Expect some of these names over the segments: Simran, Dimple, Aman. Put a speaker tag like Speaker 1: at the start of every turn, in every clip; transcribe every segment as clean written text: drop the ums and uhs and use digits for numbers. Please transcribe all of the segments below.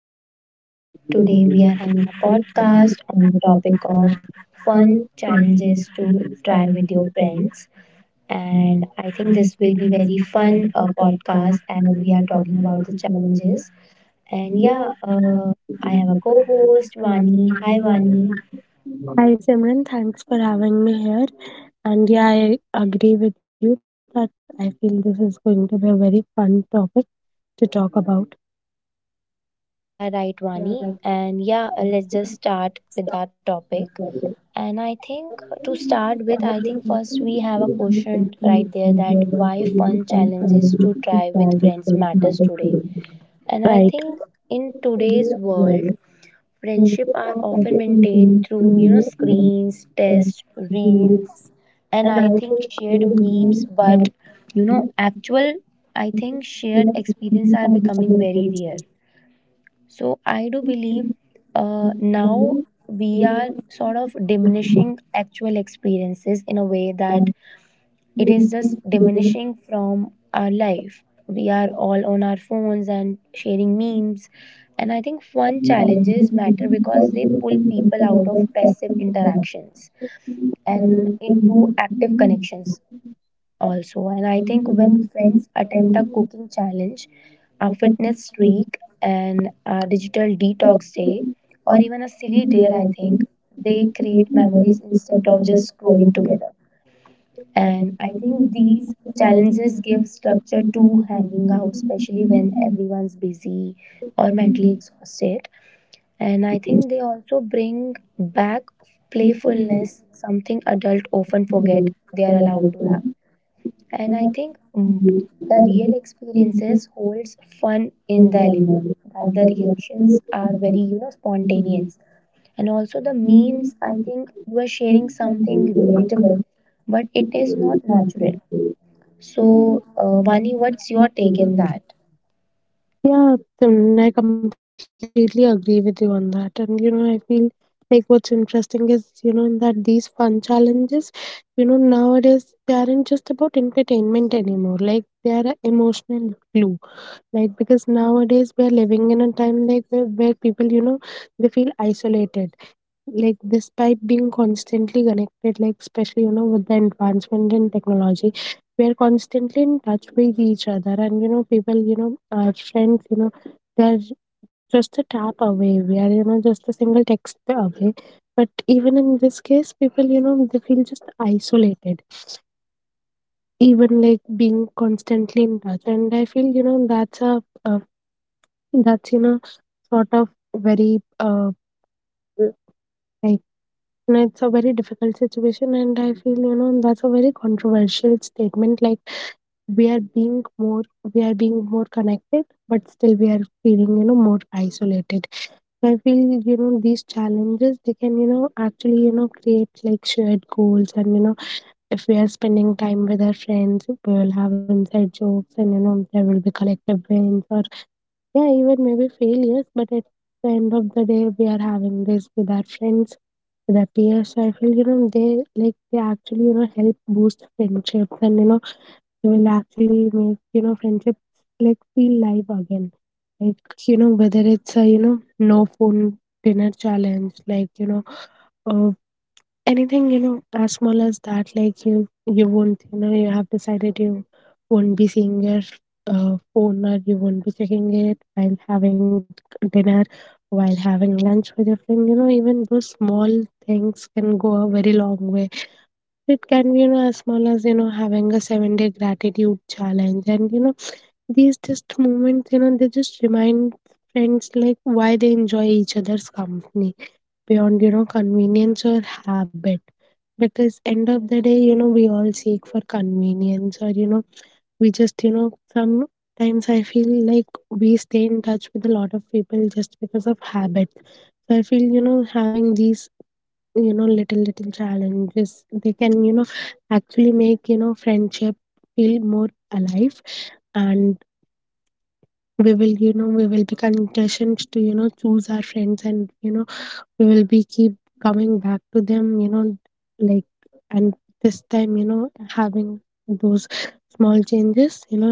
Speaker 1: everybody. Today
Speaker 2: Today we
Speaker 1: we
Speaker 2: are
Speaker 1: are
Speaker 2: having
Speaker 1: doing
Speaker 2: a
Speaker 1: first
Speaker 2: podcast on the
Speaker 1: on the
Speaker 2: topic
Speaker 1: topic
Speaker 2: of
Speaker 1: of
Speaker 2: fun
Speaker 1: fun
Speaker 2: challenges
Speaker 1: challenges
Speaker 2: to
Speaker 1: to
Speaker 2: try
Speaker 1: find
Speaker 2: with your
Speaker 1: yourself.
Speaker 2: friends. And
Speaker 1: And
Speaker 2: I think
Speaker 1: we
Speaker 2: this
Speaker 1: just
Speaker 2: will
Speaker 1: gave
Speaker 2: be
Speaker 1: you
Speaker 2: very
Speaker 1: very
Speaker 2: fun
Speaker 1: fun for that class
Speaker 2: podcast as
Speaker 1: where
Speaker 2: we are
Speaker 1: we are
Speaker 2: talking
Speaker 1: talking
Speaker 2: about
Speaker 1: about
Speaker 2: the
Speaker 1: the challenges.
Speaker 2: challenges. And yeah,
Speaker 1: Yeah, um, my
Speaker 2: I have a
Speaker 1: the
Speaker 2: co-host,
Speaker 1: photos,
Speaker 2: Vani.
Speaker 1: running
Speaker 2: Hi,
Speaker 1: and
Speaker 2: Vani.
Speaker 1: running. Hi Simran, thanks for having me here. And yeah, I agree with you that I feel this is going to be a very fun topic to talk about.
Speaker 2: Yeah, right,
Speaker 1: Yeah,
Speaker 2: Vani. And yeah, let's just start with that topic.
Speaker 1: right.
Speaker 2: And
Speaker 1: Right.
Speaker 2: I
Speaker 1: And
Speaker 2: think to start with, I think first we have a question right there that why fun challenges to try with friends matters today. And I think in today's world, friendship are often maintained through you know screens, tests, reels,
Speaker 1: I
Speaker 2: and I
Speaker 1: think
Speaker 2: think
Speaker 1: they
Speaker 2: shared memes.
Speaker 1: remain that
Speaker 2: But you
Speaker 1: we
Speaker 2: know,
Speaker 1: feel
Speaker 2: actual I think
Speaker 1: we are
Speaker 2: shared experience are
Speaker 1: the
Speaker 2: becoming
Speaker 1: other
Speaker 2: very
Speaker 1: person.
Speaker 2: rare, so I do
Speaker 1: If
Speaker 2: believe
Speaker 1: we are
Speaker 2: now
Speaker 1: the
Speaker 2: we are sort of
Speaker 1: money, we
Speaker 2: diminishing actual experiences in a way
Speaker 1: are
Speaker 2: that it
Speaker 1: the
Speaker 2: is just
Speaker 1: money.
Speaker 2: diminishing from our life. We are all on our phones and sharing memes. And I think fun challenges
Speaker 1: Thank
Speaker 2: matter because they pull people out of passive interactions and into active connections also. And I think when friends attempt a cooking challenge, a fitness streak and a digital detox day or even a silly dare, I think they create memories instead of just scrolling together. And I think these challenges give structure to hanging out especially when everyone's busy or mentally exhausted. And I think they also bring back playfulness, something adults often forget they are allowed to have. And I think the real
Speaker 1: you.
Speaker 2: experiences holds fun in the element
Speaker 1: Environment
Speaker 2: that
Speaker 1: and
Speaker 2: the
Speaker 1: that we are fully
Speaker 2: reactions are
Speaker 1: accountable
Speaker 2: very you
Speaker 1: to
Speaker 2: know
Speaker 1: the world.
Speaker 2: spontaneous. And also the
Speaker 1: Humans
Speaker 2: memes, I
Speaker 1: and
Speaker 2: think you are sharing something
Speaker 1: everybody will
Speaker 2: relatable
Speaker 1: have
Speaker 2: but it is not natural.
Speaker 1: to.
Speaker 2: So Vani, what's your take in that?
Speaker 1: Yeah, Simran, I completely agree with you on that. And you know, I feel like what's interesting is, you know, that these fun challenges, you know, nowadays they aren't just about entertainment anymore. Like they are an emotional glue. Like because nowadays we are living in a time like where people, you know, they feel isolated, like despite being constantly connected, like especially, you know, with the advancement in technology, we are constantly in touch with each other, and you know, people, you know, our friends, you know, they're just a tap away. We are, you know, just a single text away, but even in this case, people, you know, they feel just isolated, even like being constantly in touch. And I feel, you know, that's a that's, you know, sort of very, like, you know, it's a very difficult situation. And I feel, you know, that's a very controversial statement. Like, we are being more, we are being more connected, but still we are feeling, you know, more isolated. So I feel, you know, these challenges, they can, you know, actually, you know, create like shared goals. And, you know, if we are spending time with our friends, we will have inside jokes, and, you know, there will be collective wins or yeah, even maybe failures, but at the end of the day, we are having this with our friends, with our peers. So I feel, you know, they like they actually, you know, help boost friendships, and, you know, they will actually make, you know, friendships like feel live again. Like, you know, whether it's a, you know, no phone dinner challenge, like, you know, uh, anything you know as small as that. Like you won't, you know, you have decided you won't be seeing your phone, or you won't be checking it while having dinner, while having lunch with your friend. You know, even those small things can go a very long way. It can be, you know, as small as, you know, having a 7 day gratitude challenge. And you know, these just moments, you know, they just remind friends like why they enjoy each other's company beyond, you know, convenience or habit. Because end of the day, you know, we all seek for convenience, or you know, we just, you know, sometimes I feel like we stay in touch with a lot of people just because of habit. So I feel, you know, having these, you know, little little challenges, they can, you know, actually make, you know, friendship feel more alive. And we will, you know, we will be conditioned to, you know, choose our friends, and you know, we will be keep coming back to them, you know, like, and this time, you know, having those small changes, you know,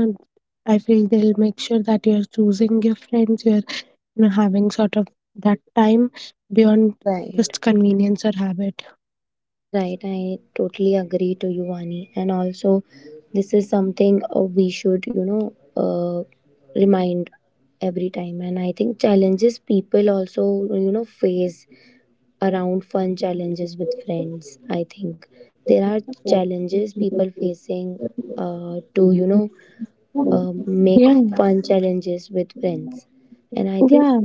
Speaker 1: I feel they'll make sure that you're choosing your friends, you're you know having sort of that time beyond
Speaker 2: Right.
Speaker 1: just convenience or habit.
Speaker 2: Right, I totally agree to you, Vani. And also, this is something we should, you know, remind every time. And I think challenges people also, you know, face around fun challenges with friends. I think there are challenges people facing to, you know, make
Speaker 1: Yeah,
Speaker 2: fun challenges with friends. And I think
Speaker 1: yeah.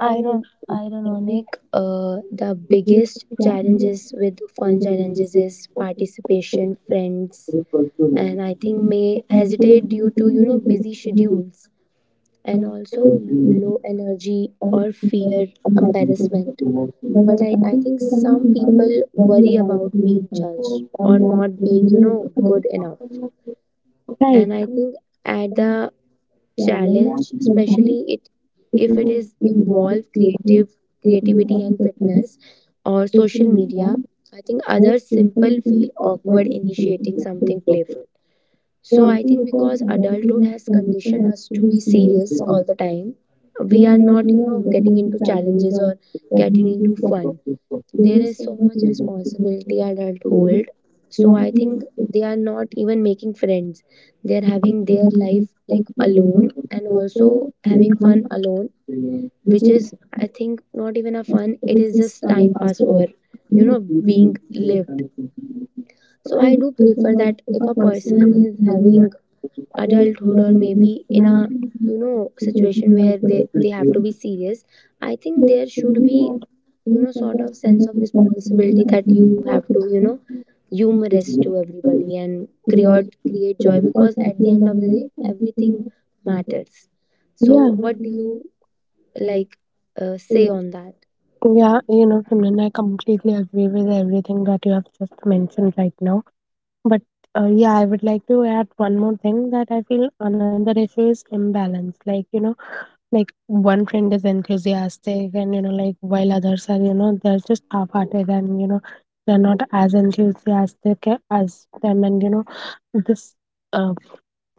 Speaker 2: Iron, ironic, the biggest challenges with
Speaker 1: Right.
Speaker 2: fun
Speaker 1: The
Speaker 2: challenges
Speaker 1: challenge
Speaker 2: is
Speaker 1: sometimes
Speaker 2: participation, friends, and I think may hesitate due to you know busy schedules and also low energy or fear embarrassment. But I think some people worry about being judged or not being you know good enough. And I think at the challenge, especially it
Speaker 1: it
Speaker 2: if it
Speaker 1: will
Speaker 2: is
Speaker 1: involve
Speaker 2: involve creative
Speaker 1: creating
Speaker 2: creativity
Speaker 1: one
Speaker 2: and
Speaker 1: business,
Speaker 2: fitness or
Speaker 1: social
Speaker 2: social
Speaker 1: media,
Speaker 2: media. I think
Speaker 1: or
Speaker 2: others
Speaker 1: simple
Speaker 2: simple feel
Speaker 1: the awkward
Speaker 2: awkward initiating something
Speaker 1: and
Speaker 2: playful.
Speaker 1: so
Speaker 2: So
Speaker 1: I
Speaker 2: I
Speaker 1: think
Speaker 2: think
Speaker 1: the first
Speaker 2: because adulthood
Speaker 1: advantage of
Speaker 2: has conditioned
Speaker 1: condition
Speaker 2: us to
Speaker 1: actually
Speaker 2: be
Speaker 1: is serious. We
Speaker 2: serious
Speaker 1: are
Speaker 2: all the time, we are
Speaker 1: not,
Speaker 2: not
Speaker 1: you
Speaker 2: you
Speaker 1: know,
Speaker 2: know
Speaker 1: that
Speaker 2: getting
Speaker 1: means
Speaker 2: into
Speaker 1: the challenges,
Speaker 2: challenges
Speaker 1: or
Speaker 2: or
Speaker 1: that
Speaker 2: getting
Speaker 1: means
Speaker 2: into
Speaker 1: the struggles.
Speaker 2: fun.
Speaker 1: There
Speaker 2: There
Speaker 1: is
Speaker 2: is
Speaker 1: so
Speaker 2: so
Speaker 1: much
Speaker 2: much responsibility
Speaker 1: responsibility
Speaker 2: adult
Speaker 1: today.
Speaker 2: hold, so
Speaker 1: We
Speaker 2: I
Speaker 1: are
Speaker 2: think
Speaker 1: here to
Speaker 2: they are not even making friends. They are
Speaker 1: manage
Speaker 2: having
Speaker 1: the
Speaker 2: their
Speaker 1: money,
Speaker 2: life
Speaker 1: that's
Speaker 2: like
Speaker 1: the way.
Speaker 2: alone and
Speaker 1: And also,
Speaker 2: also
Speaker 1: there is
Speaker 2: having
Speaker 1: one
Speaker 2: fun alone,
Speaker 1: thing which
Speaker 2: which is
Speaker 1: is
Speaker 2: I think not even a fun, it
Speaker 1: this
Speaker 2: is
Speaker 1: is
Speaker 2: just
Speaker 1: time
Speaker 2: time
Speaker 1: as
Speaker 2: pass for
Speaker 1: well.
Speaker 2: you know being lived. So
Speaker 1: So I
Speaker 2: I do
Speaker 1: prefer
Speaker 2: prefer
Speaker 1: that
Speaker 2: that
Speaker 1: if
Speaker 2: if
Speaker 1: I
Speaker 2: a
Speaker 1: was
Speaker 2: person
Speaker 1: in
Speaker 2: is
Speaker 1: Manila,
Speaker 2: having
Speaker 1: I don't
Speaker 2: adulthood
Speaker 1: know
Speaker 2: or
Speaker 1: the
Speaker 2: maybe in
Speaker 1: Mishna,
Speaker 2: a you
Speaker 1: the
Speaker 2: know
Speaker 1: Villa, the
Speaker 2: situation
Speaker 1: Villa,
Speaker 2: where they
Speaker 1: the
Speaker 2: have
Speaker 1: Villa,
Speaker 2: to be serious, I think
Speaker 1: the
Speaker 2: there should be
Speaker 1: Villa,
Speaker 2: you know sort of sense of
Speaker 1: the
Speaker 2: responsibility
Speaker 1: Villa,
Speaker 2: that you have to you know humorous to everybody and create joy because at the end of the day everything
Speaker 1: the Villa,
Speaker 2: matters.
Speaker 1: yeah.
Speaker 2: So
Speaker 1: What
Speaker 2: what
Speaker 1: do
Speaker 2: do you
Speaker 1: you, like,
Speaker 2: like
Speaker 1: they
Speaker 2: say on that?
Speaker 1: are yeah, you know, Simran, I completely agree with everything that you have just mentioned right now. But yeah, I would like to add one more thing that I feel another issue is imbalance. Like, you know, like one friend is enthusiastic, and, you know, like while others are, you know, they're just half hearted, and, you know, they're not as enthusiastic as them. And, you know, this, uh,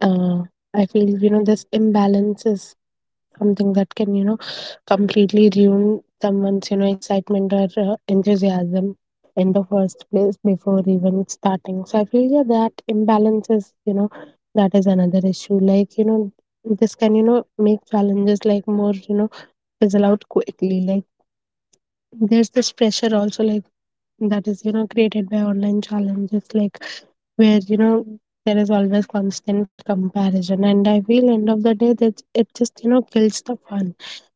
Speaker 1: uh, I feel, you know, this imbalance is something that can, you know, completely ruin someone's, you know, excitement or enthusiasm in the first place before even starting. So I feel, yeah, that imbalance is, you know, that is another issue. Like, you know, this can, you know, make challenges like more, you know, fizzle out quickly. Like there's this pressure also, like that is, you know, created by online challenges, like where, you know, there is always constant comparison. And I feel end of the day that it just, you know, kills the fun.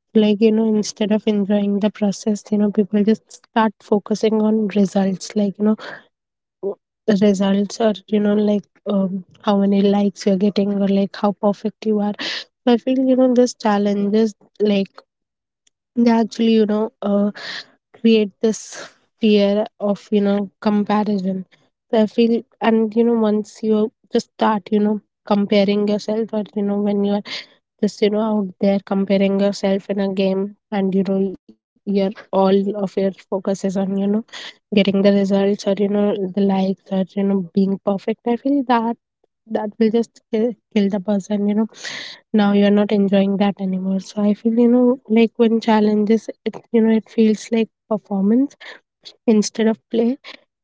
Speaker 1: Like, you know, instead of enjoying the process, you know, people just start focusing on results, like you know the results, or you know, like how many likes you're getting, or like how perfect you are. So I feel, you know, this challenges like they actually, you know, create this fear of, you know, comparison. So I feel, and you know, once you just start, you know, comparing yourself, or you know, when you are just you know out there comparing yourself in a game, and you know your all of your focus is on, you know, getting the results, or you know the likes, or you know being perfect. I feel that that will just kill the person. You know, now you are not enjoying that anymore. So I feel, you know, like when challenges, it you know it feels like performance instead of play,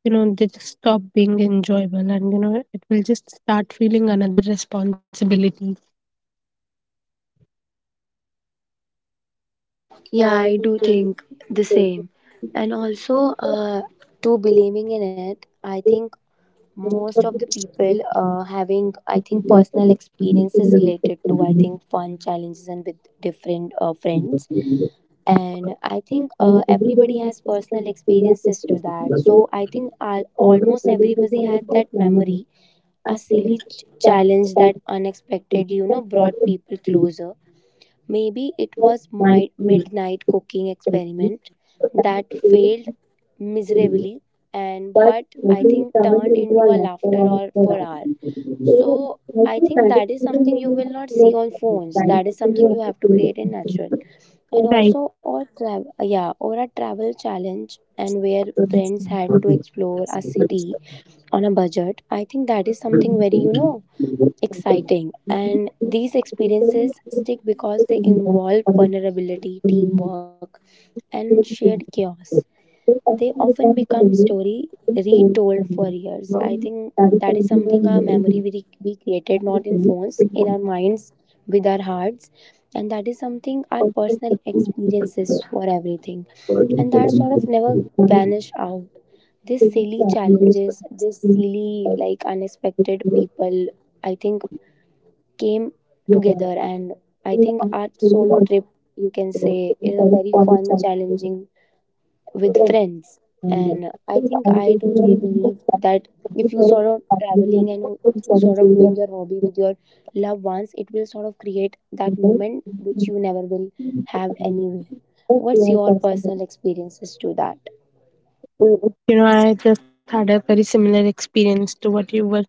Speaker 1: you know, they just stop being enjoyable, and you know it will just start feeling another responsibility. Yeah,
Speaker 2: Yeah,
Speaker 1: I
Speaker 2: I do
Speaker 1: do feel.
Speaker 2: think the
Speaker 1: Thank
Speaker 2: same. And also to believing in it, I think most of the people having I think personal experiences related to I think fun challenges and with different friends. And I think everybody has personal experiences to that, so I think almost everybody had that memory, a silly challenge that unexpectedly you know brought people closer. Maybe it was my midnight cooking experiment that failed
Speaker 1: you.
Speaker 2: miserably, and
Speaker 1: But
Speaker 2: but I
Speaker 1: nothing
Speaker 2: think
Speaker 1: turned
Speaker 2: turned
Speaker 1: into a
Speaker 2: into a
Speaker 1: laughter
Speaker 2: laughter
Speaker 1: or a
Speaker 2: or for
Speaker 1: quarrel.
Speaker 2: hour.
Speaker 1: So,
Speaker 2: So
Speaker 1: I
Speaker 2: I
Speaker 1: think
Speaker 2: think
Speaker 1: that is
Speaker 2: that is
Speaker 1: something
Speaker 2: something
Speaker 1: that
Speaker 2: you
Speaker 1: we
Speaker 2: will not
Speaker 1: have
Speaker 2: see
Speaker 1: to
Speaker 2: on phones.
Speaker 1: kind
Speaker 2: That
Speaker 1: of
Speaker 2: is something
Speaker 1: continue
Speaker 2: you have
Speaker 1: to
Speaker 2: to create in
Speaker 1: do.
Speaker 2: natural. And
Speaker 1: So, right.
Speaker 2: also or travel, yeah, or a travel challenge and where
Speaker 1: It's
Speaker 2: friends had to
Speaker 1: something.
Speaker 2: explore a
Speaker 1: So, I
Speaker 2: city on a budget. I think that
Speaker 1: think
Speaker 2: is
Speaker 1: we can
Speaker 2: something very, you know,
Speaker 1: really improve from this.
Speaker 2: exciting, and these experiences stick because they involve vulnerability, teamwork and shared chaos. They often become story retold for years. I think
Speaker 1: That is
Speaker 2: that is
Speaker 1: something
Speaker 2: something
Speaker 1: I'm
Speaker 2: a memory
Speaker 1: really
Speaker 2: we created
Speaker 1: happy
Speaker 2: not
Speaker 1: to
Speaker 2: in
Speaker 1: do.
Speaker 2: phones,
Speaker 1: It's
Speaker 2: in our minds, with our hearts. And that is something our
Speaker 1: also
Speaker 2: personal experiences
Speaker 1: something.
Speaker 2: for everything, and that
Speaker 1: You
Speaker 2: sort of never vanish out. These silly challenges, this silly like unexpected people, I think came together. And I think our solo trip you can say is a very fun challenging with friends. And I think I totally believe that if you sort of traveling and if you sort of doing your hobby with your loved ones, it will sort of create that moment which you never will have anywhere. What's your personal experiences to that?
Speaker 1: know, I just had a very similar experience to what you were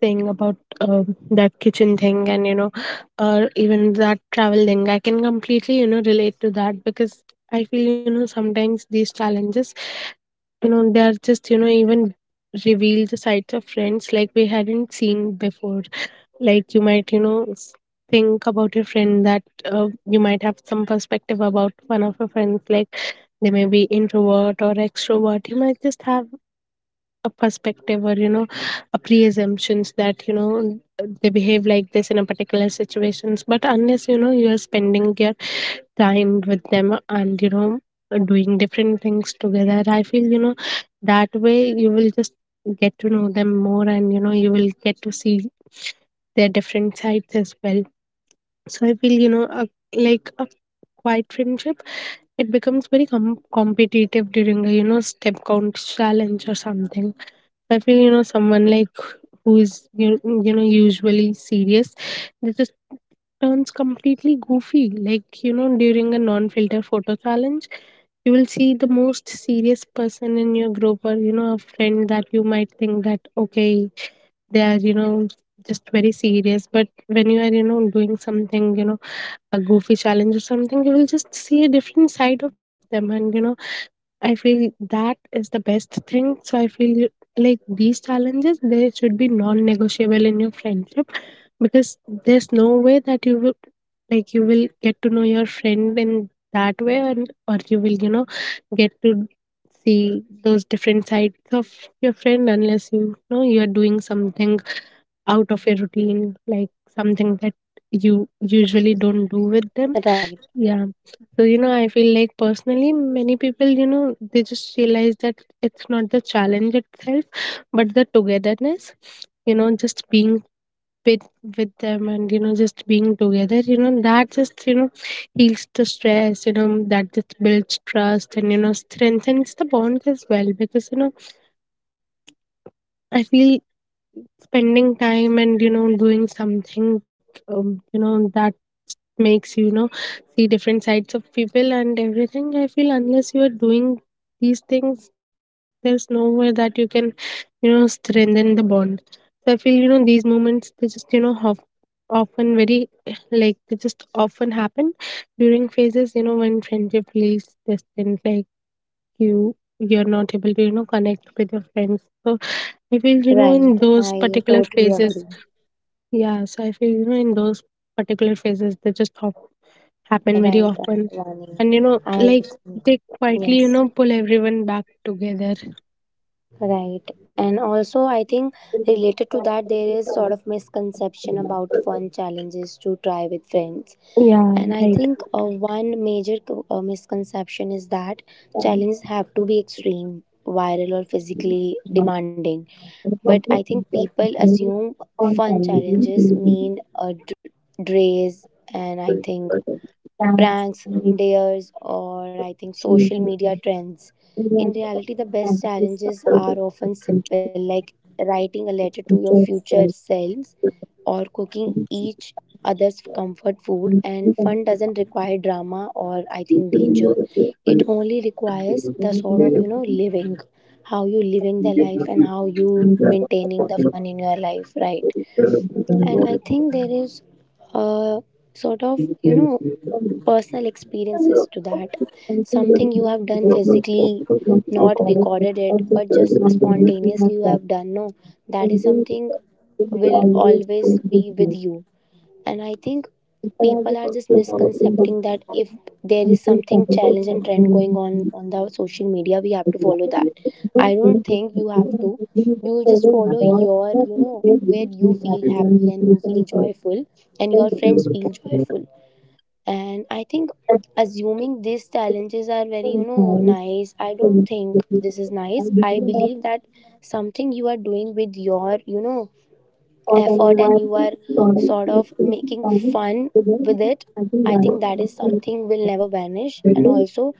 Speaker 1: saying about that kitchen thing, and you know, or even that travel thing. I can completely, you know, relate to that because I feel, you know, sometimes these challenges you know they are just you know even reveal the sides of friends like we hadn't seen before. Like you might think about your friend that you might have some perspective about one of your friends, like they may be introvert or extrovert. You might just have a perspective, or you know a pre-assumptions that, you know, they behave like this in a particular situations, but unless, you know, you are spending your time with them, and you know doing different things together, I feel, you know, that way you will just get to know them more, and you know you will get to see their different sides as well. So I feel, you know, like a quiet friendship, it becomes very competitive during a, you know, step count challenge or something. I feel, you know, someone like who is you know usually serious, they just turns completely goofy. Like you know during a non-filter photo challenge, you will see the most serious person in your group, or you know a friend that you might think that okay they are, you know, just very serious, but when you are, you know, doing something, you know, a goofy challenge or something, you will just see a different side of them. And you know I feel that is the best thing. So I feel like these challenges they should be non-negotiable in your friendship, because there's no way that you will like you will get to know your friend in that way, and or you will, you know, get to see those different sides of your friend unless, you know, you are doing something out of your routine, like something that you usually don't do with them.
Speaker 2: Right,
Speaker 1: Yeah. So, I feel like personally, many people, they just realize that it's not the challenge itself, but the togetherness, just being with with them, and just being together. That just heals the stress. That just builds trust and strengthens the bonds as well. Because I feel spending time and doing something, um, that makes you, you know see different sides of people and everything. I feel unless you are doing these things, there's no way that you can strengthen the bond. So I feel these moments, they just often, very — like they just often happen during phases, when friendship feels distant. Like you you're not able to connect with your friends. So I feel in
Speaker 2: right,
Speaker 1: those
Speaker 2: I
Speaker 1: particular
Speaker 2: totally
Speaker 1: phases.
Speaker 2: agree.
Speaker 1: Yes, I feel in those particular phases they just happen very
Speaker 2: Right,
Speaker 1: often,
Speaker 2: right, Vani.
Speaker 1: and
Speaker 2: I
Speaker 1: like
Speaker 2: think
Speaker 1: they quietly
Speaker 2: yes.
Speaker 1: pull everyone back together.
Speaker 2: Right. And also, I think related to that, there is sort of misconception about fun challenges to try with friends.
Speaker 1: Yeah,
Speaker 2: And I
Speaker 1: right.
Speaker 2: think one major misconception is that challenges have to be extreme, viral, or physically demanding. But I think people assume fun challenges mean a drays, and I think pranks, dares, or I think social media trends. In reality, the best challenges are often simple, like writing a letter to your future selves or cooking each other's comfort food. And fun doesn't require drama or I think danger. It only requires the sort of you know living, how you living the life and how you maintaining the fun in your life, right? And I think there is a sort of you know personal experiences to that, something you have done physically, not recorded it but just spontaneously you have done. No, that is something will always be with you. And I think people are just misconcepting that if there is something challenge and trend going on the social media, we have to follow that. I don't think you have to. You just follow your you know where you feel happy and you feel joyful and your friends
Speaker 1: Okay.
Speaker 2: feel joyful. And I think assuming these challenges are very
Speaker 1: Okay,
Speaker 2: you know
Speaker 1: so
Speaker 2: nice, I
Speaker 1: if
Speaker 2: don't
Speaker 1: you
Speaker 2: think this is nice. I
Speaker 1: that
Speaker 2: believe that something you are doing with your you know
Speaker 1: for
Speaker 2: effort and
Speaker 1: anyone
Speaker 2: you are
Speaker 1: product is
Speaker 2: sort of making
Speaker 1: done,
Speaker 2: fun
Speaker 1: so then
Speaker 2: with it,
Speaker 1: I think
Speaker 2: I
Speaker 1: that
Speaker 2: think
Speaker 1: is
Speaker 2: that
Speaker 1: something
Speaker 2: is
Speaker 1: that
Speaker 2: something will never vanish. And also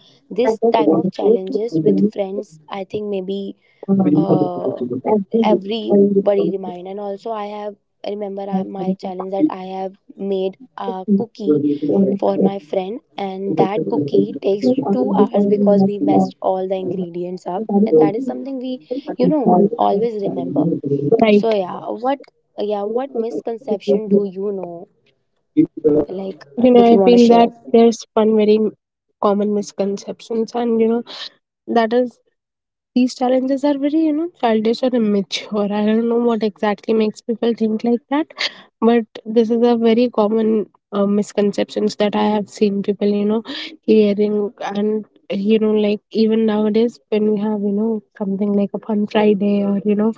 Speaker 1: I
Speaker 2: this
Speaker 1: can
Speaker 2: type of
Speaker 1: also
Speaker 2: challenges with
Speaker 1: think
Speaker 2: friends, I think maybe
Speaker 1: on as
Speaker 2: uh
Speaker 1: we when we
Speaker 2: everybody
Speaker 1: come to
Speaker 2: remind. And also I have I remember
Speaker 1: have some
Speaker 2: my
Speaker 1: sort of
Speaker 2: challenge that
Speaker 1: tea
Speaker 2: I have made a
Speaker 1: or a
Speaker 2: cookie for
Speaker 1: snack,
Speaker 2: my friend and
Speaker 1: it's a
Speaker 2: that
Speaker 1: little a different
Speaker 2: cookie
Speaker 1: less
Speaker 2: takes
Speaker 1: of
Speaker 2: 2
Speaker 1: something
Speaker 2: hours
Speaker 1: that
Speaker 2: because we
Speaker 1: is not all.
Speaker 2: messed all the ingredients up, and that is something we you know always remember. So
Speaker 1: Right.
Speaker 2: yeah, what, yeah what
Speaker 1: The
Speaker 2: misconception do you know, like if you
Speaker 1: I
Speaker 2: want to
Speaker 1: feel
Speaker 2: share.
Speaker 1: that there's one very common misconceptions, and that is, these challenges are very, childish or immature. I don't know what exactly makes people think like that, but this is a very common misconceptions that I have seen people, hearing, and like, even nowadays when we have, something like a fun Friday, or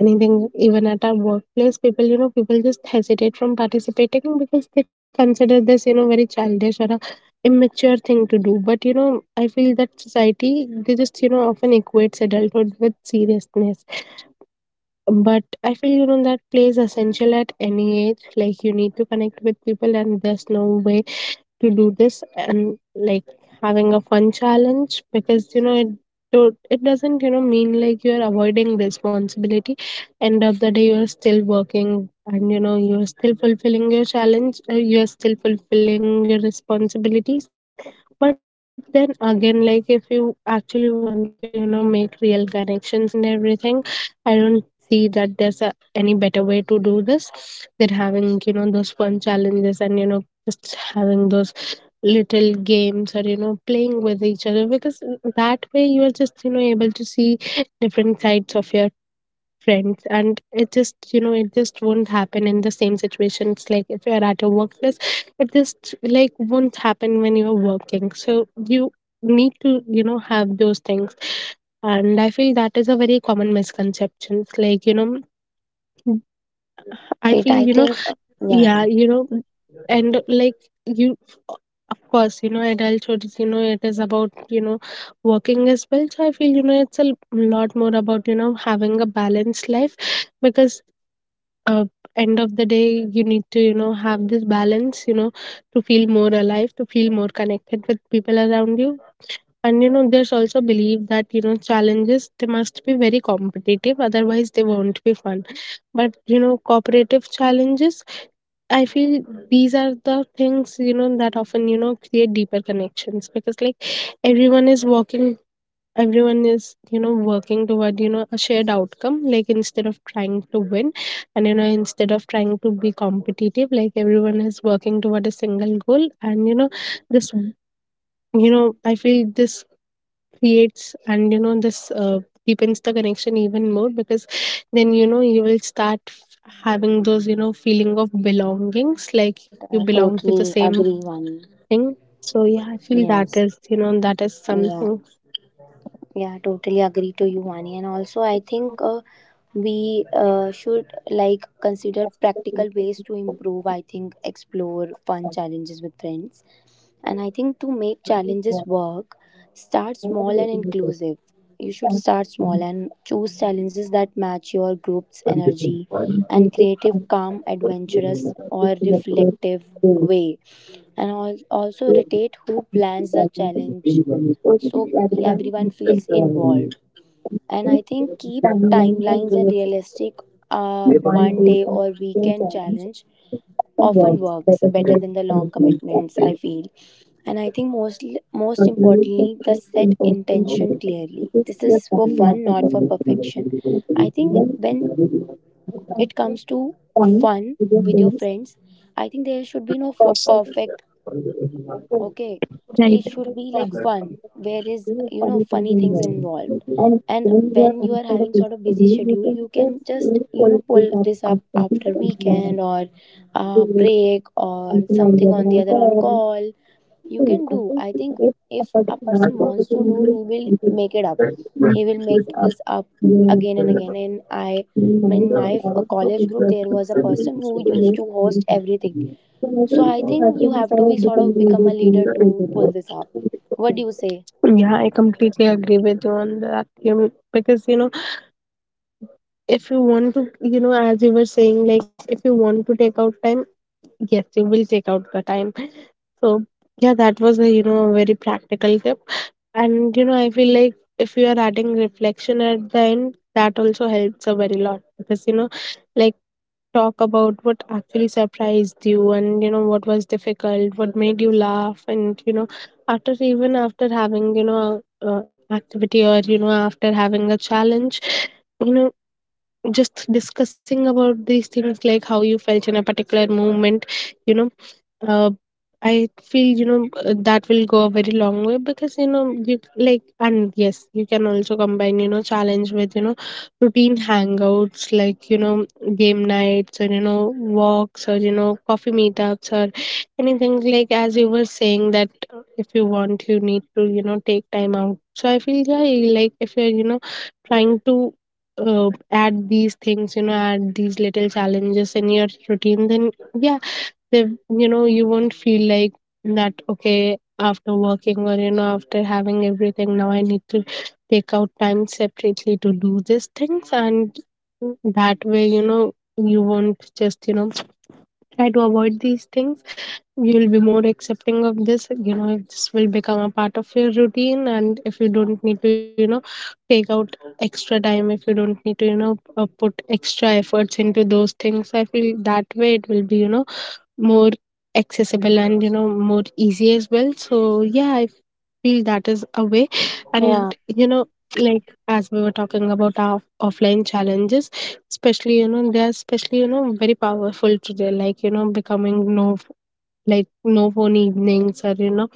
Speaker 1: anything, even at our workplace, people, people just hesitate from participating because they consider this, very childish or a immature thing to do. But I feel that society, they just often equates adulthood with seriousness. But I feel that plays essential at any age. Like you need to connect with people and there's no way to do this and like having a fun challenge, because it do it doesn't mean like you're avoiding responsibility. End of the day you're still working, and you're still fulfilling your challenge, you're still fulfilling your responsibilities. But then again, like, if you actually want to make real connections and everything, I don't see that there's a, any better way to do this than having those fun challenges, and just having those little games, or playing with each other, because that way you are just able to see different sides of your friends, and it just it just won't happen in the same situations. Like if you are at a workplace, it just, like, won't happen when you are working. So you need to have those things, and I feel that is a very common misconceptions, like I
Speaker 2: Right,
Speaker 1: feel
Speaker 2: I think yeah,
Speaker 1: yeah and like you, of course, adulthood, it is about working as well. So I feel it's a lot more about having a balanced life, because, uh, end of the day, you need to have this balance, to feel more alive, to feel more connected with people around you. And there's also belief that challenges, they must be very competitive otherwise they won't be fun. But cooperative challenges, I feel these are the things that often create deeper connections, because, like, everyone is working, everyone is working toward a shared outcome, like, instead of trying to win, and instead of trying to be competitive, like, everyone is working toward a single goal. And this, I feel this creates, and this, deepens the connection even more, because then you will start having those, feeling of belongings, like you
Speaker 2: right, I
Speaker 1: belong to the
Speaker 2: totally
Speaker 1: same
Speaker 2: agree, Vani.
Speaker 1: thing. So yeah, I feel that
Speaker 2: Yes,
Speaker 1: is that is
Speaker 2: yeah.
Speaker 1: something.
Speaker 2: Yeah, totally agree to you, Vani. And also, I think we should like consider practical ways to improve. I think explore fun challenges with friends. And I think to make challenges work, start small and inclusive. You should start small and choose challenges that match your group's energy and creative, calm, adventurous, or reflective way. And also rotate who plans the challenge so everyone feels involved. And I think keep timelines and realistic,
Speaker 1: One day
Speaker 2: one
Speaker 1: of
Speaker 2: day or
Speaker 1: same
Speaker 2: weekend
Speaker 1: challenge
Speaker 2: challenge often
Speaker 1: is better
Speaker 2: works
Speaker 1: than.
Speaker 2: better
Speaker 1: Right.
Speaker 2: than the long commitments, I feel. And I think most importantly the set intention clearly, this is for fun not for perfection. I think when it comes to fun with your friends, I think there should be no perfect. Okay, it should be like fun where is you know funny things involved.
Speaker 1: And
Speaker 2: And
Speaker 1: when you are
Speaker 2: when you
Speaker 1: on
Speaker 2: are
Speaker 1: sort of
Speaker 2: having
Speaker 1: a
Speaker 2: sort of busy
Speaker 1: schedule, you
Speaker 2: schedule,
Speaker 1: can
Speaker 2: you
Speaker 1: just
Speaker 2: can just
Speaker 1: wait
Speaker 2: you
Speaker 1: for
Speaker 2: know
Speaker 1: it to
Speaker 2: pull
Speaker 1: that
Speaker 2: this up
Speaker 1: activity,
Speaker 2: after
Speaker 1: and you
Speaker 2: weekend or break or
Speaker 1: something on the
Speaker 2: something
Speaker 1: other
Speaker 2: on the
Speaker 1: hand.
Speaker 2: other on
Speaker 1: So,
Speaker 2: call. You can
Speaker 1: I
Speaker 2: do,
Speaker 1: think
Speaker 2: I think,
Speaker 1: it's a
Speaker 2: if a
Speaker 1: particular
Speaker 2: person wants to do, he
Speaker 1: opportunity
Speaker 2: will
Speaker 1: to
Speaker 2: make it up. He will make
Speaker 1: use up
Speaker 2: this up
Speaker 1: your.
Speaker 2: again and again. And I in
Speaker 1: Yeah,
Speaker 2: my
Speaker 1: I
Speaker 2: college group there was a person who used to host everything, so I think you have to be sort of become a leader to pull this off. What do you say?
Speaker 1: completely agree with you on that. Because, if you want to, as you were saying, like, if you want to take out time, yes, you will take out the time. So, yeah, that was a, a very practical tip. And, I feel like if you are adding reflection at the end, that also helps a very lot, because, like, talk about what actually surprised you, and what was difficult, what made you laugh, and after, even after having a, activity, or after having a challenge, you know just discussing about these things, like how you felt in a particular moment, you know uh, I feel that will go a very long way, because you like, and yes, you can also combine challenge with routine hangouts, like, game nights, or walks, or coffee meetups, or anything. Like, as you were saying, that if you want you need to take time out. So I feel, yeah, like if you're trying to add these things, add these little challenges in your routine, then yeah, they you won't feel like that okay after working, or after having everything, now I need to take out time separately to do these things. And that way you won't just try to avoid these things. You'll be more accepting of this, if this will become a part of your routine, and if you don't need to take out extra time, if you don't need to put extra efforts into those things, I feel that way it will be more accessible, and more easy as well. So yeah, I feel that is a way.
Speaker 2: Yeah,
Speaker 1: And like as we were talking about our offline challenges, especially they're especially very powerful today, like becoming no, like, no phone evenings, or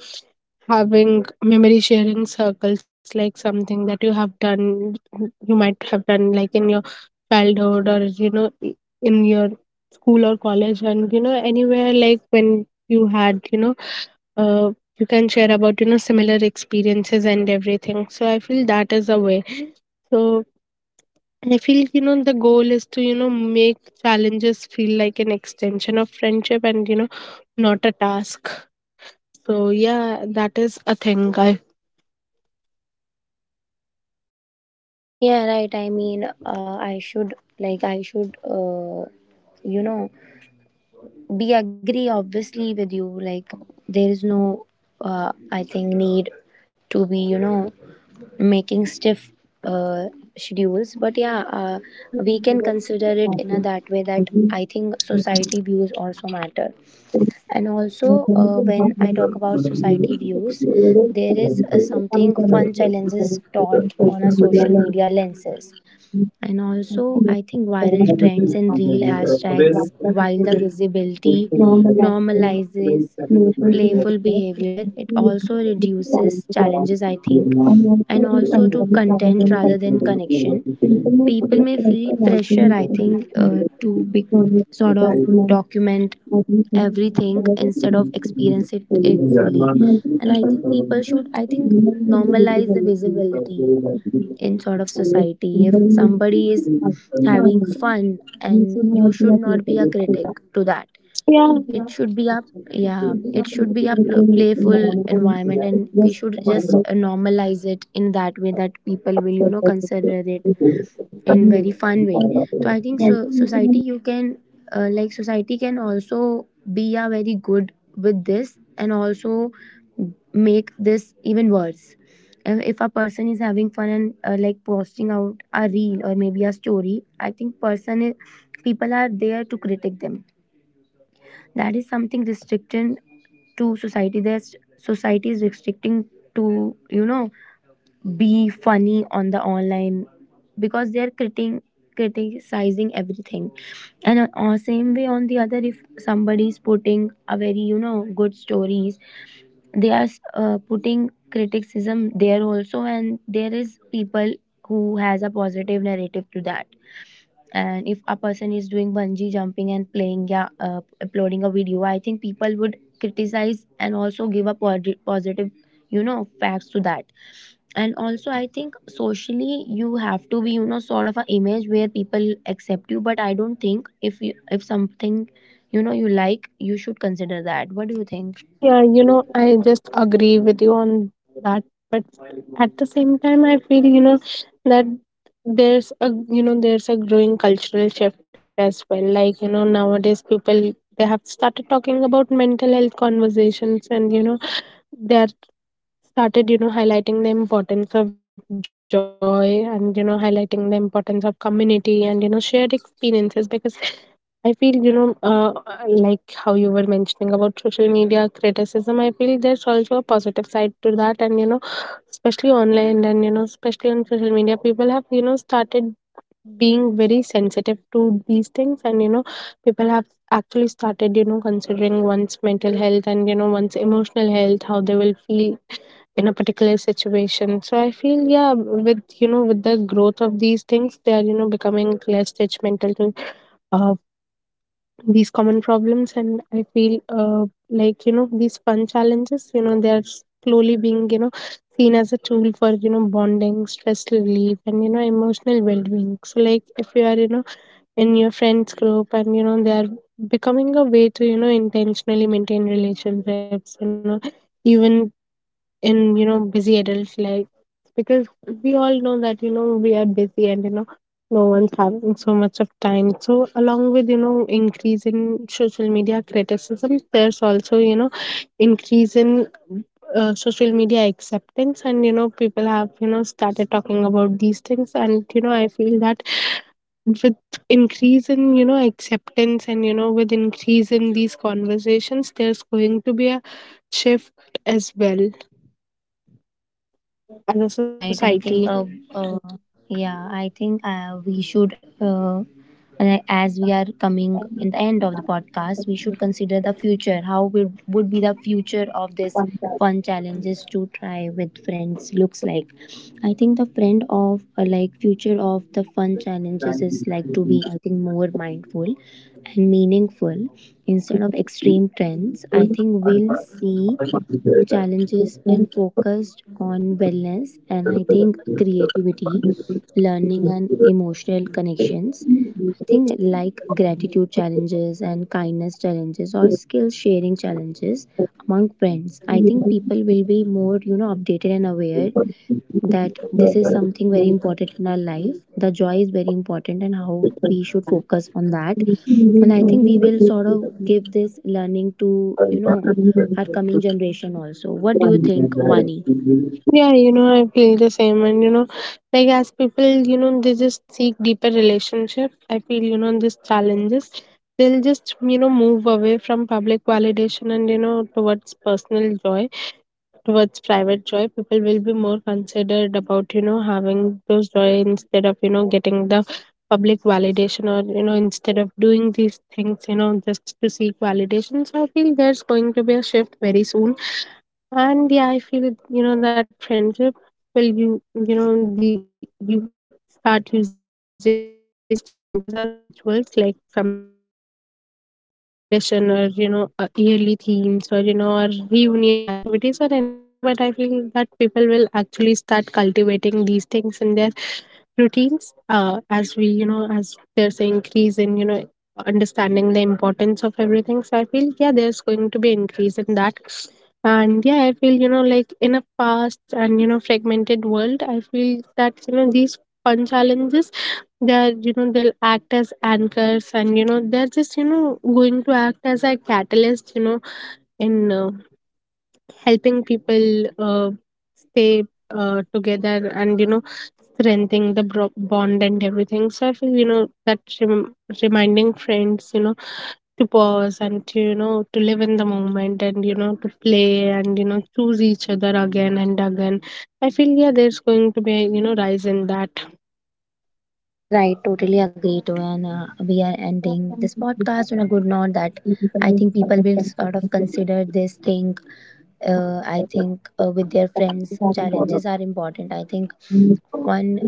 Speaker 1: having memory sharing circles, like something that you have done, you might have done, like, in your childhood, or in your school or college, and anywhere, like when you had uh, you can share about similar experiences and everything. So I feel that is a way. So I feel, the goal is to, make challenges feel like an extension of friendship, and, not a task. So, yeah, that is a thing. I
Speaker 2: yeah, right. I mean, I should like I should you know be agree obviously with you. Like there is no I think need to be you know making stiff uh, schedules. But yeah,
Speaker 1: अभी तो
Speaker 2: we
Speaker 1: कभी
Speaker 2: can
Speaker 1: कभी
Speaker 2: consider
Speaker 1: तो
Speaker 2: it in
Speaker 1: आपके
Speaker 2: a that way that
Speaker 1: अभी
Speaker 2: I think
Speaker 1: तो
Speaker 2: society views also matter. And also,
Speaker 1: कभी कभी तो
Speaker 2: when
Speaker 1: आपके
Speaker 2: I
Speaker 1: अभी तो
Speaker 2: talk
Speaker 1: कभी
Speaker 2: about
Speaker 1: कभी तो
Speaker 2: society views,
Speaker 1: आपके अभी तो
Speaker 2: there is
Speaker 1: कभी कभी
Speaker 2: something fun
Speaker 1: तो आपके अभी
Speaker 2: challenges
Speaker 1: तो कभी
Speaker 2: taught
Speaker 1: कभी तो आपके अभी
Speaker 2: on a
Speaker 1: तो कभी कभी तो आपके अभी तो
Speaker 2: social
Speaker 1: कभी
Speaker 2: media lenses. And also, I think
Speaker 1: कभी तो
Speaker 2: viral
Speaker 1: आपके अभी
Speaker 2: trends
Speaker 1: तो
Speaker 2: and
Speaker 1: कभी कभी तो
Speaker 2: real
Speaker 1: आपके अभी तो कभी कभी तो आपके अभी तो कभी कभी तो आपके अभी तो कभी कभी तो
Speaker 2: hashtags,
Speaker 1: आपके अभी
Speaker 2: while
Speaker 1: तो
Speaker 2: the
Speaker 1: कभी कभी
Speaker 2: visibility normalizes playful behavior, it also reduces challenges, I think, and also to content rather than connection, people may feel pressure, I think, to be
Speaker 1: तो आपके
Speaker 2: sort of
Speaker 1: a.
Speaker 2: document everything instead of experience it fully. And I think people should, I think, normalize the visibility in sort of society. If somebody is having fun, and you should not be a critic to that, it should be a, yeah, it should be a playful environment, and we should just normalize it in that way that people will, you know, consider it in very fun way. So I think, so
Speaker 1: Yeah.
Speaker 2: society you can, like society can also be a very good with this, and also make this even worse. If a person is having fun and, like posting out a reel or maybe a story, I think people are there to critique them. That is something restricted to society, that society is restricting to, you know, be funny on the online, because they're criting, criticizing everything. And on same way, on the other, if somebody is putting a very, you know, good stories, they are, putting criticism there also, and there is people who has a positive narrative to that. And if a person is doing bungee jumping and playing, yeah, uploading a video, I think people would criticize and also give a positive, you know, facts to that. And also I think socially you have to be, you know, sort of an image where people accept you, but I don't think if you, if something, you know, you like, you should consider that. What do you think?
Speaker 1: Yeah, I just agree with you on that. But at the same time, I feel, that there's a, there's a growing cultural shift as well, like nowadays people, they have started talking about mental health conversations, and they are started highlighting the importance of joy, and highlighting the importance of community, and shared experiences. Because I feel, like how you were mentioning about social media criticism, I feel there's also a positive side to that. And, especially online, and, especially on social media, people have, started being very sensitive to these things. And people have actually started considering one's mental health, and one's emotional health, how they will feel in a particular situation. So I feel, yeah, with with the growth of these things, they are becoming less judgmental to uh, these common problems. And I feel, like these fun challenges, they're slowly being seen as a tool for bonding, stress relief, and emotional well-being. So like if you are, in your friends group, and they are becoming a way to intentionally maintain relationships, even in busy adult life. Because we all know that we are busy, and no one's having so much of time. So along with increase in social media criticism, there's also increase in social media acceptance. And people have started talking about these things. And I feel that with increase in acceptance, and with increase in these conversations, there's going to be a shift as well as a
Speaker 2: Yeah, right. I
Speaker 1: society.
Speaker 2: think, uh, yeah, I think, we should, and as we are coming in the end of the podcast, we should consider the future. How would be the future of this fun challenges to try with friends looks like? I think the friend of like future of the fun challenges is like to be, I think, more mindful and meaningful instead of extreme trends. I think we'll see challenges and focused on wellness, and I think creativity, learning, and emotional connections. I think like gratitude challenges and kindness challenges or skill sharing challenges among friends. I think people will be more, you know, updated and aware that this is something very important in our life. The joy is very important and how we should focus on that. And I think we will sort of give this learning to, you know, our coming generation also. What do you think, Vani?
Speaker 1: Yeah, I feel the same. And, like, as people, they just seek deeper relationship. I feel, these challenges, they'll just, move away from public validation, and, towards personal joy, towards private joy. People will be more considered about, having those joy, instead of, getting the public validation, or, instead of doing these things, just to seek validation. So I feel there's going to be a shift very soon. And yeah, I feel that friendship will the, you start using these challenges as rituals, like something like a monthly tradition, or a yearly themes, or or reunion activities, or anything. But I feel that people will actually start cultivating these things in their routines, as we, as there's an increase in understanding the importance of everything. So I feel yeah, there's going to be increase in that. And yeah, I feel like, in a fast and fragmented world, I feel that these fun challenges, they're they'll act as anchors, and they're just going to act as a catalyst, in, helping people, stay,
Speaker 2: Right,
Speaker 1: together, and strengthening the bond and everything. So I feel that reminding friends, to pause, and to to live in the moment, and to play, and choose each other again and again. I feel, yeah, there's going to be a, rise in that.
Speaker 2: right, totally agree to, and we are ending this podcast on a good note. That I think people will sort of consider this thing. I think with their friends, challenges are important. I think one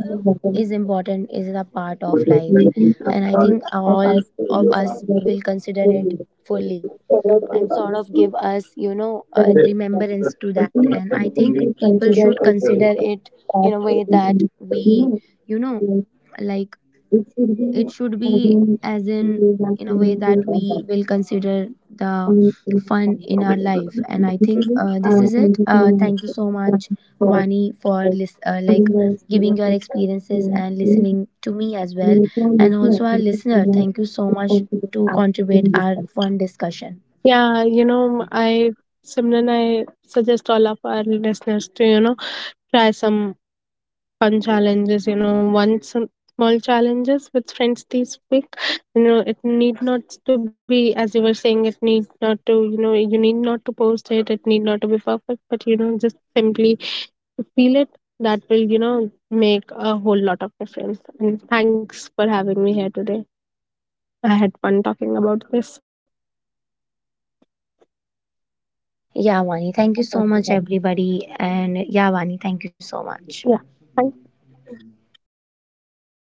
Speaker 2: is important, is a part of life.
Speaker 1: May of
Speaker 2: And I
Speaker 1: us
Speaker 2: think
Speaker 1: of
Speaker 2: all
Speaker 1: us to
Speaker 2: of
Speaker 1: be
Speaker 2: us will
Speaker 1: represented
Speaker 2: consider it
Speaker 1: in
Speaker 2: fully,
Speaker 1: collective
Speaker 2: and sort of
Speaker 1: honesty,
Speaker 2: give us, you know, a
Speaker 1: benediction,
Speaker 2: remembrance to
Speaker 1: for
Speaker 2: that. And I
Speaker 1: he should
Speaker 2: think
Speaker 1: be
Speaker 2: people
Speaker 1: considered
Speaker 2: should
Speaker 1: a
Speaker 2: consider
Speaker 1: perfect
Speaker 2: it
Speaker 1: that
Speaker 2: in a
Speaker 1: could
Speaker 2: way
Speaker 1: be
Speaker 2: that
Speaker 1: human
Speaker 2: we, you know,
Speaker 1: experience,
Speaker 2: like
Speaker 1: which should be
Speaker 2: it should be
Speaker 1: having
Speaker 2: as in
Speaker 1: the
Speaker 2: in a way
Speaker 1: maximum
Speaker 2: that
Speaker 1: with us
Speaker 2: we
Speaker 1: on
Speaker 2: will consider the
Speaker 1: the
Speaker 2: fun
Speaker 1: time.
Speaker 2: in our life. And I
Speaker 1: This
Speaker 2: think,
Speaker 1: is it.
Speaker 2: this is it.
Speaker 1: Thank you so much,
Speaker 2: Thank you so
Speaker 1: uh,
Speaker 2: much,
Speaker 1: for,
Speaker 2: Vani, for
Speaker 1: like, giving
Speaker 2: like
Speaker 1: the
Speaker 2: giving
Speaker 1: experience
Speaker 2: your
Speaker 1: with us.
Speaker 2: experiences and
Speaker 1: And,
Speaker 2: listening to me as well. And also
Speaker 1: listener,
Speaker 2: our
Speaker 1: thank you so
Speaker 2: listener,
Speaker 1: much
Speaker 2: thank you so
Speaker 1: for
Speaker 2: much
Speaker 1: considering
Speaker 2: to
Speaker 1: us
Speaker 2: contribute
Speaker 1: in this
Speaker 2: our
Speaker 1: time.
Speaker 2: fun discussion.
Speaker 1: Yeah, I, Simran, I suggest all of our listeners to try some fun challenges. One some small challenges with friends this week. It need not to be, as you were saying. It need not to, you need not to post it. It need not to be perfect, but just simply feel it. That will make a whole lot of difference. And thanks for having me here today. I had fun talking about this.
Speaker 2: Yeah, Vani, thank you so much, everybody. And yeah, Vani, thank you so much.
Speaker 1: Yeah.